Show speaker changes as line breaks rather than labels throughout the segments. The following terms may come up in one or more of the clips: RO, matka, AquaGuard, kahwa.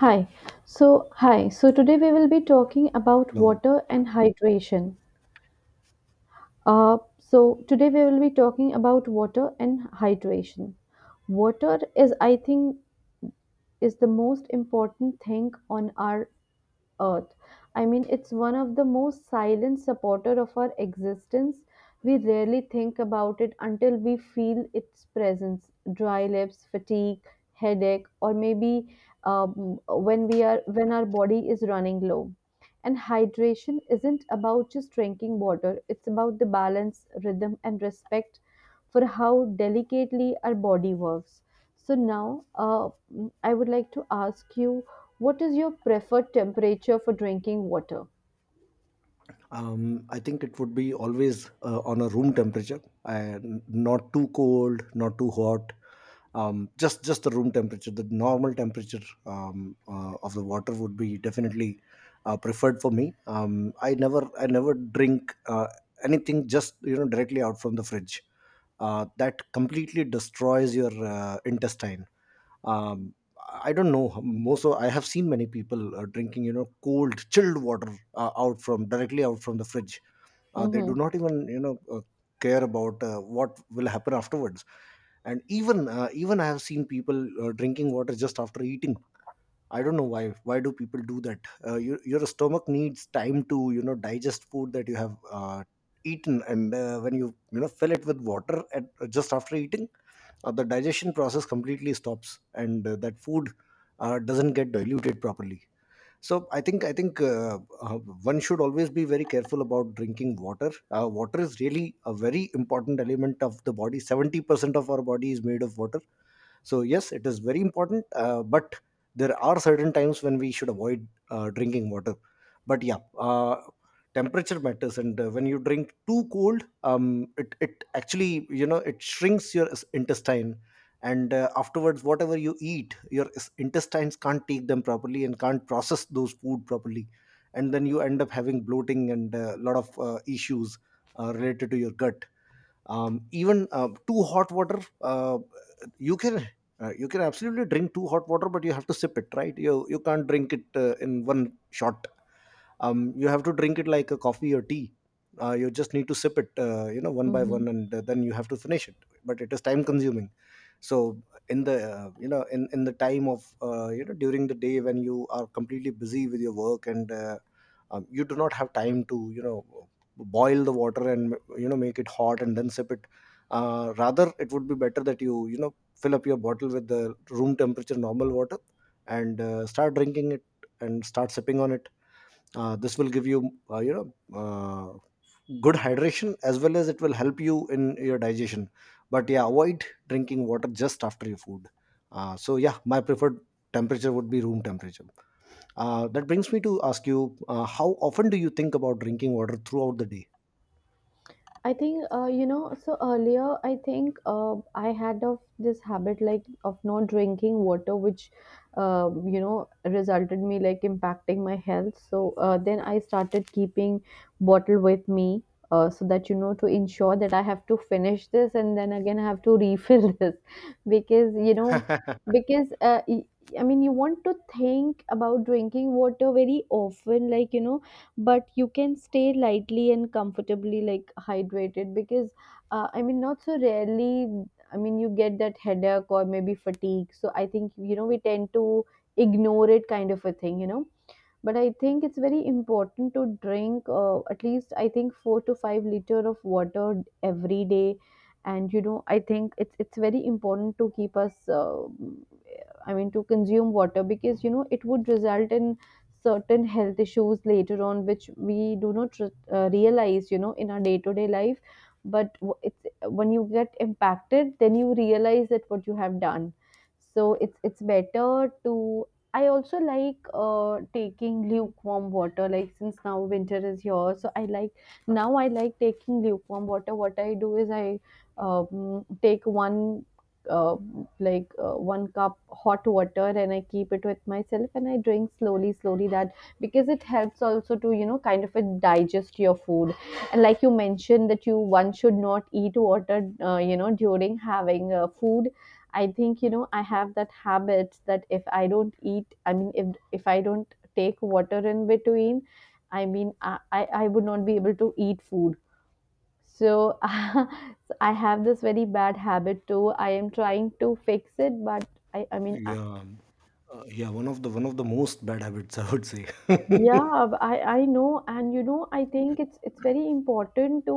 Hi. So, today we will be talking about
No.
water and hydration. So, today we will be talking about water and hydration. Water is, I think, is the most important thing on our earth. I mean, it's one of the most silent supporter of our existence. We rarely think about it until we feel its presence. Dry lips, fatigue, headache, or maybe when we are when our body is running low. And hydration isn't about just drinking water. It's about the balance, rhythm, and respect for how delicately our body works. So now, I would like to ask you, what is your preferred temperature for drinking water?
I think it would be always on a room temperature, and not too cold, not too hot. Just the room temperature, the normal temperature of the water would be definitely preferred for me. I never drink anything just you know directly out from the fridge. That completely destroys your intestine. um I don't know, most of, I have seen many people drinking you know cold chilled water out from the fridge. They
Mm-hmm.
do not even you know care about what will happen afterwards. And even I have seen people drinking water just after eating. I don't know why do people do that. Your stomach needs time to you know digest food that you have eaten. And when you know fill it with water just after eating, the digestion process completely stops, and that food doesn't get diluted properly. So i think i think uh, uh, one should always be very careful about drinking water. Water is really a very important element of the body. 70% of our body is made of water. So yes, it is very important, but there are certain times when we should avoid drinking water. But temperature matters, and when you drink too cold, it actually you know it shrinks your intestine. And afterwards whatever you eat, your intestines can't take them properly and can't process those food properly. And then you end up having bloating and a lot of issues related to your gut. Even too hot water, you can you can absolutely drink too hot water, but you have to sip it, right? You can't drink it in one shot. You have to drink it like a coffee or tea. You just need to sip it, you know, one by one, and then you have to finish it. But it is time consuming. So in the time of, you know, during the day when you are completely busy with your work, and you do not have time to you know boil the water and you know make it hot and then sip it. Rather it would be better that you know fill up your bottle with the room temperature normal water and start drinking it and start sipping on it. This will give you, you know good hydration, as well as it will help you in your digestion. But yeah, avoid drinking water just after your food. So my preferred temperature would be room temperature. That brings me to ask you, how often do you think about drinking water throughout the day?
I think So earlier, I had of this habit like of not drinking water, which you know resulted me like impacting my health. So then I started keeping bottle with me, so that you know to ensure that I have to finish this and then again I have to refill this, because you know because I mean you want to think about drinking water very often, like you know, but you can stay lightly and comfortably like hydrated. Because I mean, not so rarely, I mean you get that headache or maybe fatigue, so I think, you know, we tend to ignore it, kind of a thing, you know. But I think it's very important to drink, at least I think, 4 to 5 liter of water every day. And you know, I think it's very important to keep us I mean, to consume water, because you know it would result in certain health issues later on, which we do not realize, you know, in our day to day life. But it's when you get impacted, then you realize that what you have done. So it's better to. I also like taking lukewarm water, like since now winter is here, so I like now I like taking lukewarm water. What I do is I take one uh, one cup hot water, and I keep it with myself and I drink slowly slowly that, because it helps also to, you know, kind of, it digest your food. And like you mentioned that you one should not eat water you know during having food, I think, you know, I have that habit that if I don't eat, I mean, if I don't take water in between, I would not be able to eat food. So, I have this very bad habit too. I am trying to fix it, but I mean,
Yeah. Yeah, one of the most bad habits, I would say.
yeah, I know, and you know, I think it's very important to,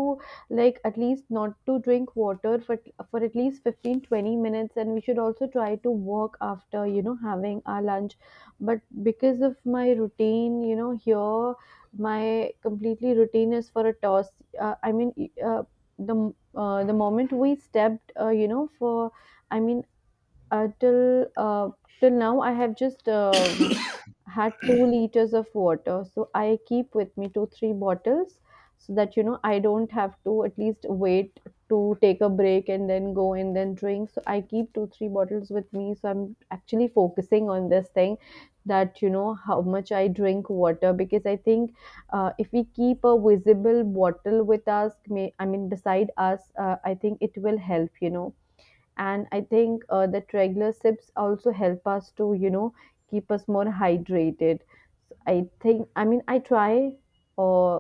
like, at least not to drink water for at least 15, 20 minutes, and we should also try to walk after, you know, having our lunch. But because of my routine, you know, here my completely routine is for a toss. Uh, I mean, y- uh, the moment we stepped, you know, for, I mean, uh, till uh, till now I have just had 2 liters of water. So I keep with me 2, 3 bottles, so that you know I don't have to at least wait to take a break and then go and then drink. So I keep 2, 3 bottles with me, so I'm actually focusing on this thing, that you know how much I drink water. Because I think, if we keep a visible bottle with us, may I mean beside us, I think it will help, you know. And I think the triglycerides also help us to, you know, keep us more hydrated. So I think, I mean, I try uh,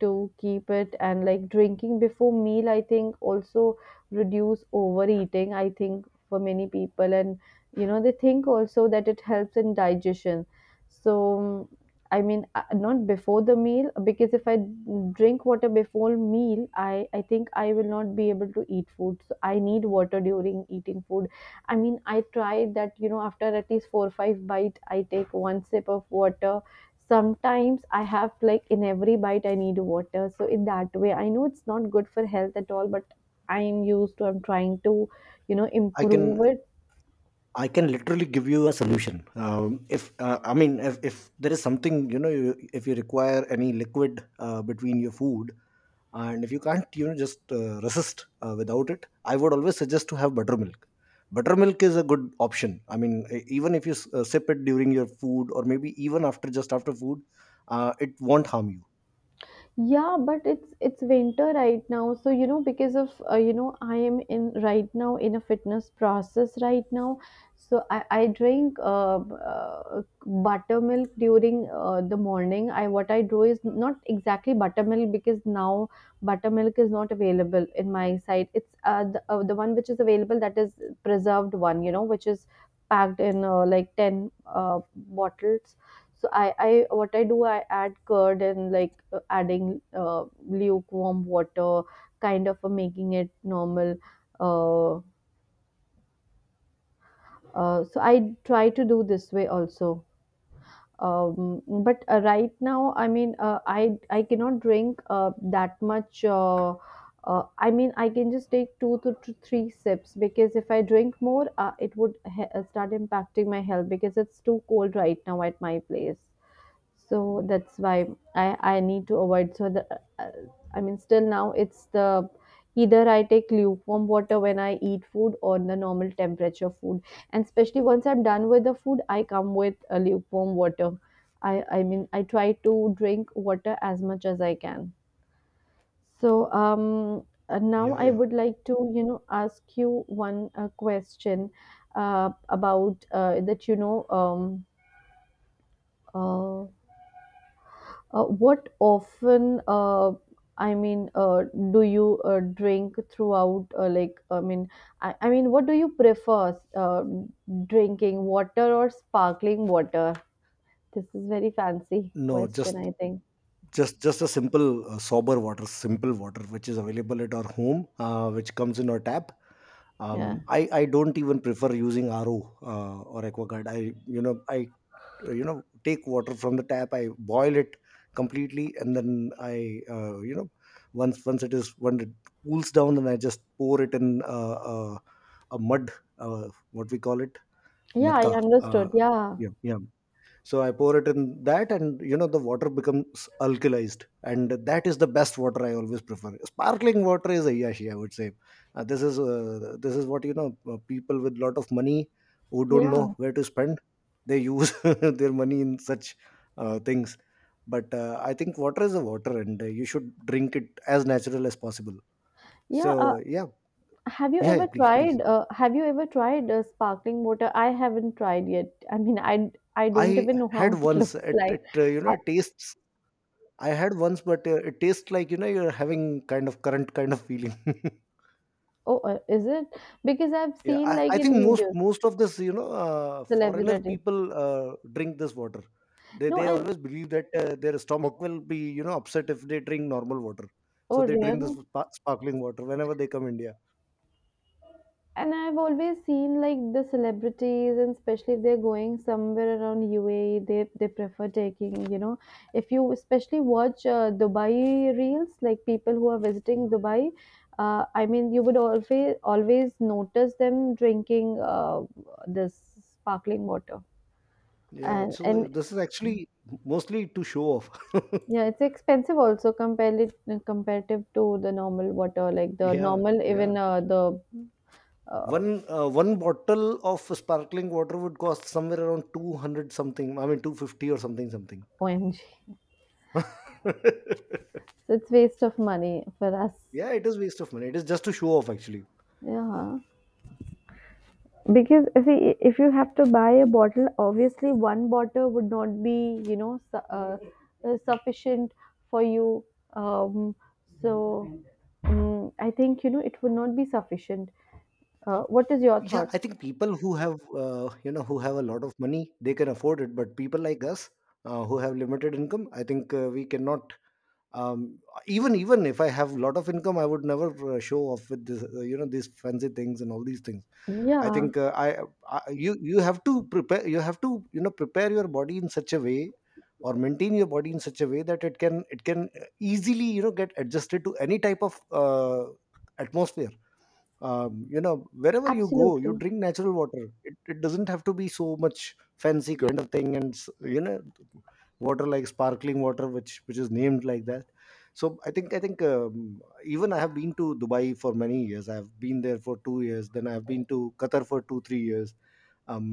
to keep it. And like drinking before meal, I think also reduce overeating I think for many people, and you know they think also that it helps in digestion. So I mean, not before the meal, because if I drink water before meal, I think I will not be able to eat food. So I need water during eating food. I mean, I try that you know, after at least 4 or 5 bite, I take one sip of water. Sometimes I have, like, in every bite I need water. So in that way, I know it's not good for health at all, but I'm trying to, you know,
i can
improve it.
I can literally give you a solution. If I mean, if there is something, you know, if you require any liquid between your food, and if you can't, you know, just resist without it, I would always suggest to have buttermilk. Buttermilk is a good option. I mean, even if you sip it during your food, or maybe even after just after food, it won't harm you.
Yeah, but it's winter right now. So, you know, because of, you know, I am in right now in a fitness process right now. So I drink uh, buttermilk during the morning. I, what I do is not exactly buttermilk, because now buttermilk is not available in my side. It's the one which is available, that is preserved one, you know, which is packed in, like, 10 bottles. So I what I do, I add curd and like adding lukewarm water, kind of making it normal. Uh, so I try to do this way also. But right now, I mean, I cannot drink that much. I mean, I can just take two to three sips, because if I drink more, it would start impacting my health, because it's too cold right now at my place. So that's why i I need to avoid. So the, I mean, still now it's the, either I take lukewarm water when I eat food, or the normal temperature food. And especially once I'm done with the food, I come with a lukewarm water. i I mean, I try to drink water as much as I can. So now
Yeah,
I
yeah.
would like to, you know, ask you one question about, that you know, uh, what often, I mean, uh, do you drink throughout? I mean, what do you prefer, drinking water or sparkling water? This is very fancy
No,
question, I think.
just a simple sober water, simple water which is available at our home, which comes in our tap.
Yeah.
I don't even prefer using RO or AquaGuard. I you know take water from the tap. I boil it completely, and then I you know once once it is, when it cools down, then I just pour it in uh, a mud. What we call it,
Yeah, I
matka.
understood. Yeah.
Yeah, yeah, so I pour it in that, and you know the water becomes alkalized, and that is the best water I always prefer. Sparkling water is ayashi, I would say. This is what, you know, people with lot of money, who don't
Yeah.
know where to spend, they use their money in such things. But I think water is a water, and you should drink it as natural as possible. So
Yeah.
yeah.
Have you
yeah
ever
yeah please, please.
tried? Have you ever tried sparkling water? I haven't tried yet. I mean, I don't
I
even know how
had
it
once,
looks
it,
like.
it you know
I,
it tastes, I had once, but it tastes like you know you're having kind of current kind of feeling.
oh, is it? Because I've
yeah,
seen
I,
like
I
in
think most
videos.
most of this, you know, foreigner
Celebrity.
people drink this water.
No,
They
and
always believe that their stomach will be you know upset if they drink normal water. So
oh
they drink this
really?
sparkling water whenever they come India.
And I've always seen like the celebrities, and especially if they're going somewhere around UAE, they prefer taking. You know, if you especially watch Dubai reels, like people who are visiting Dubai, I mean, you would always always notice them drinking this sparkling water,
Yeah,
and
so this is actually mostly to show off.
yeah, it's expensive also compared it comparative to the normal water, like the
Yeah,
normal
yeah.
even the uh,
One bottle of sparkling water would cost somewhere around 200 something. I mean 250 or something.
OMG. So it's waste of money for us.
Yeah, it is waste of money, it is just to show off actually.
Yeah. Because see, if you have to buy a bottle, obviously one bottle would not be, you know, sufficient for you. Um, so I think, you know, it would not be sufficient. What is your
Yeah,
thought?
I think people who have you know, who have a lot of money, they can afford it, but people like us, who have limited income, I think we cannot. Um, even even if I have a lot of income, I would never show off with this you know, these fancy things and all these things. I
Yeah,
think, I you you have to prepare, you have to you know prepare your body in such a way, or maintain your body in such a way that it can, it can easily you know get adjusted to any type of atmosphere. You know, wherever you go, you
absolutely.
drink natural water. It doesn't have to be so much fancy kind of thing, you know, water like sparkling water which is named like that. So i think i think um, even i have been to dubai for many years, I have been there for 2 years, then I have been to qatar for 2 3 years.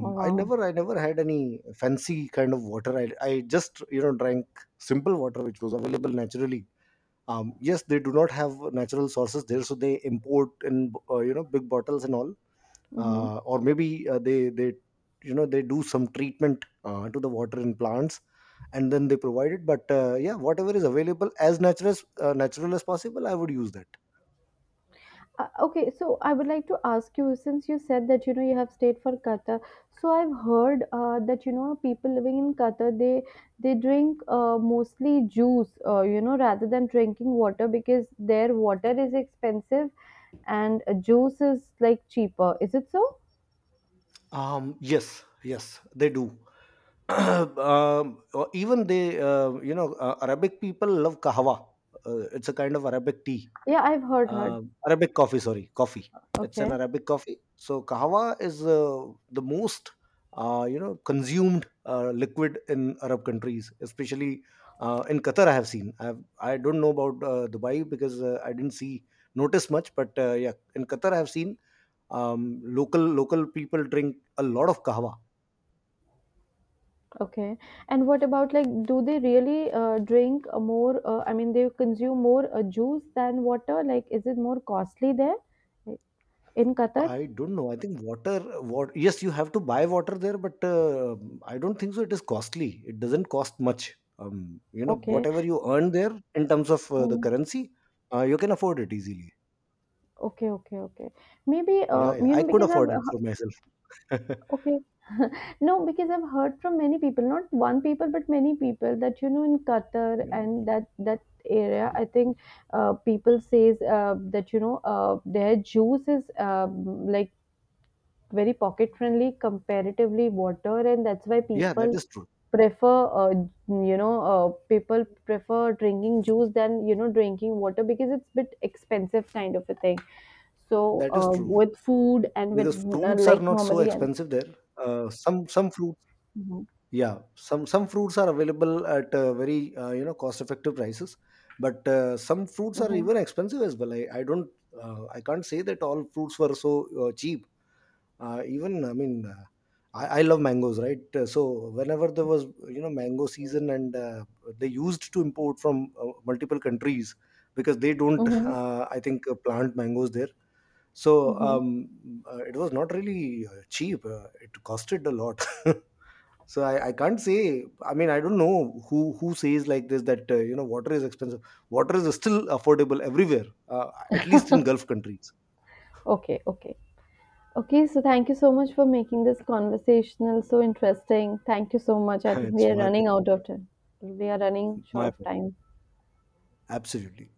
Oh,
i
wow.
never i never had any fancy kind of water. I just you know drank simple water which was available naturally. Yes, they do not have natural sources there, so they import in, you know, big bottles and all.
Mm-hmm.
Or maybe they you know, they do some treatment to the water in plants, and then they provide it. But yeah, whatever is available, as natural as, natural as possible, I would use that.
Okay, so I would like to ask you, since you said that you know you have stayed for Qatar. So I've heard that you know people living in Qatar, they drink mostly juice, you know, rather than drinking water, because their water is expensive and juice is like cheaper. Is it so?
Yes, they do. Or even they, you know, arabic people love kahwa. It's a kind of arabic tea.
Yeah, I've heard heard.
Arabic coffee, sorry, coffee. It's
Okay,
an Arabic coffee. So kahwa is, the most you know consumed liquid in Arab countries, especially in Qatar. I have seen. I have, I don't know about Dubai, because I didn't see, notice much, but yeah, in Qatar I have seen local people drink a lot of kahwa.
okay. And what about, like, do they really drink more? I mean, they consume more juice than water. Like, is it more costly there in Qatar?
I don't know. I think water, what? Yes, you have to buy water there, but I don't think so. It is costly. It doesn't cost much. You know,
Okay.
whatever you earn there in terms of the
Oh,
currency, you can afford it easily.
okay, okay, okay. Maybe,
Yeah, yeah.
you
I
know,
could
because I've,
afford it for myself.
okay. No, because I've heard from many people, not one people, but many people, that, you know, in Qatar
Yeah.
and that area, I think people says that, you know, their juice is like very pocket friendly comparatively water. And that's why
Yeah, that
people
is true.
prefer, uh, you know people prefer drinking juice than, you know, drinking water, because it's bit expensive, kind of a thing. So
That is true,
with food and with,
because fruits are
like
not so
normally, and
expensive there. Some fruits,
hmm,
yeah, some fruits are available at very you know cost effective prices, but some fruits are
hmm,
even expensive as well. I don't, I can't say that all fruits were so cheap. Even I mean, I love mangoes, right? So whenever there was you know mango season, and they used to import from multiple countries, because they don't
hmm,
I think plant mangoes there. So
hmm,
it was not really cheap. It costed a lot. So I can't say. I mean, I don't know who says like this that, you know, water is expensive. Water is still affordable everywhere, at least in Gulf countries.
okay, okay, okay. So thank you so much for making this conversational so interesting. Thank you so much. I think we
It's
are
my
running out of time. We are running short
my
of time.
absolutely.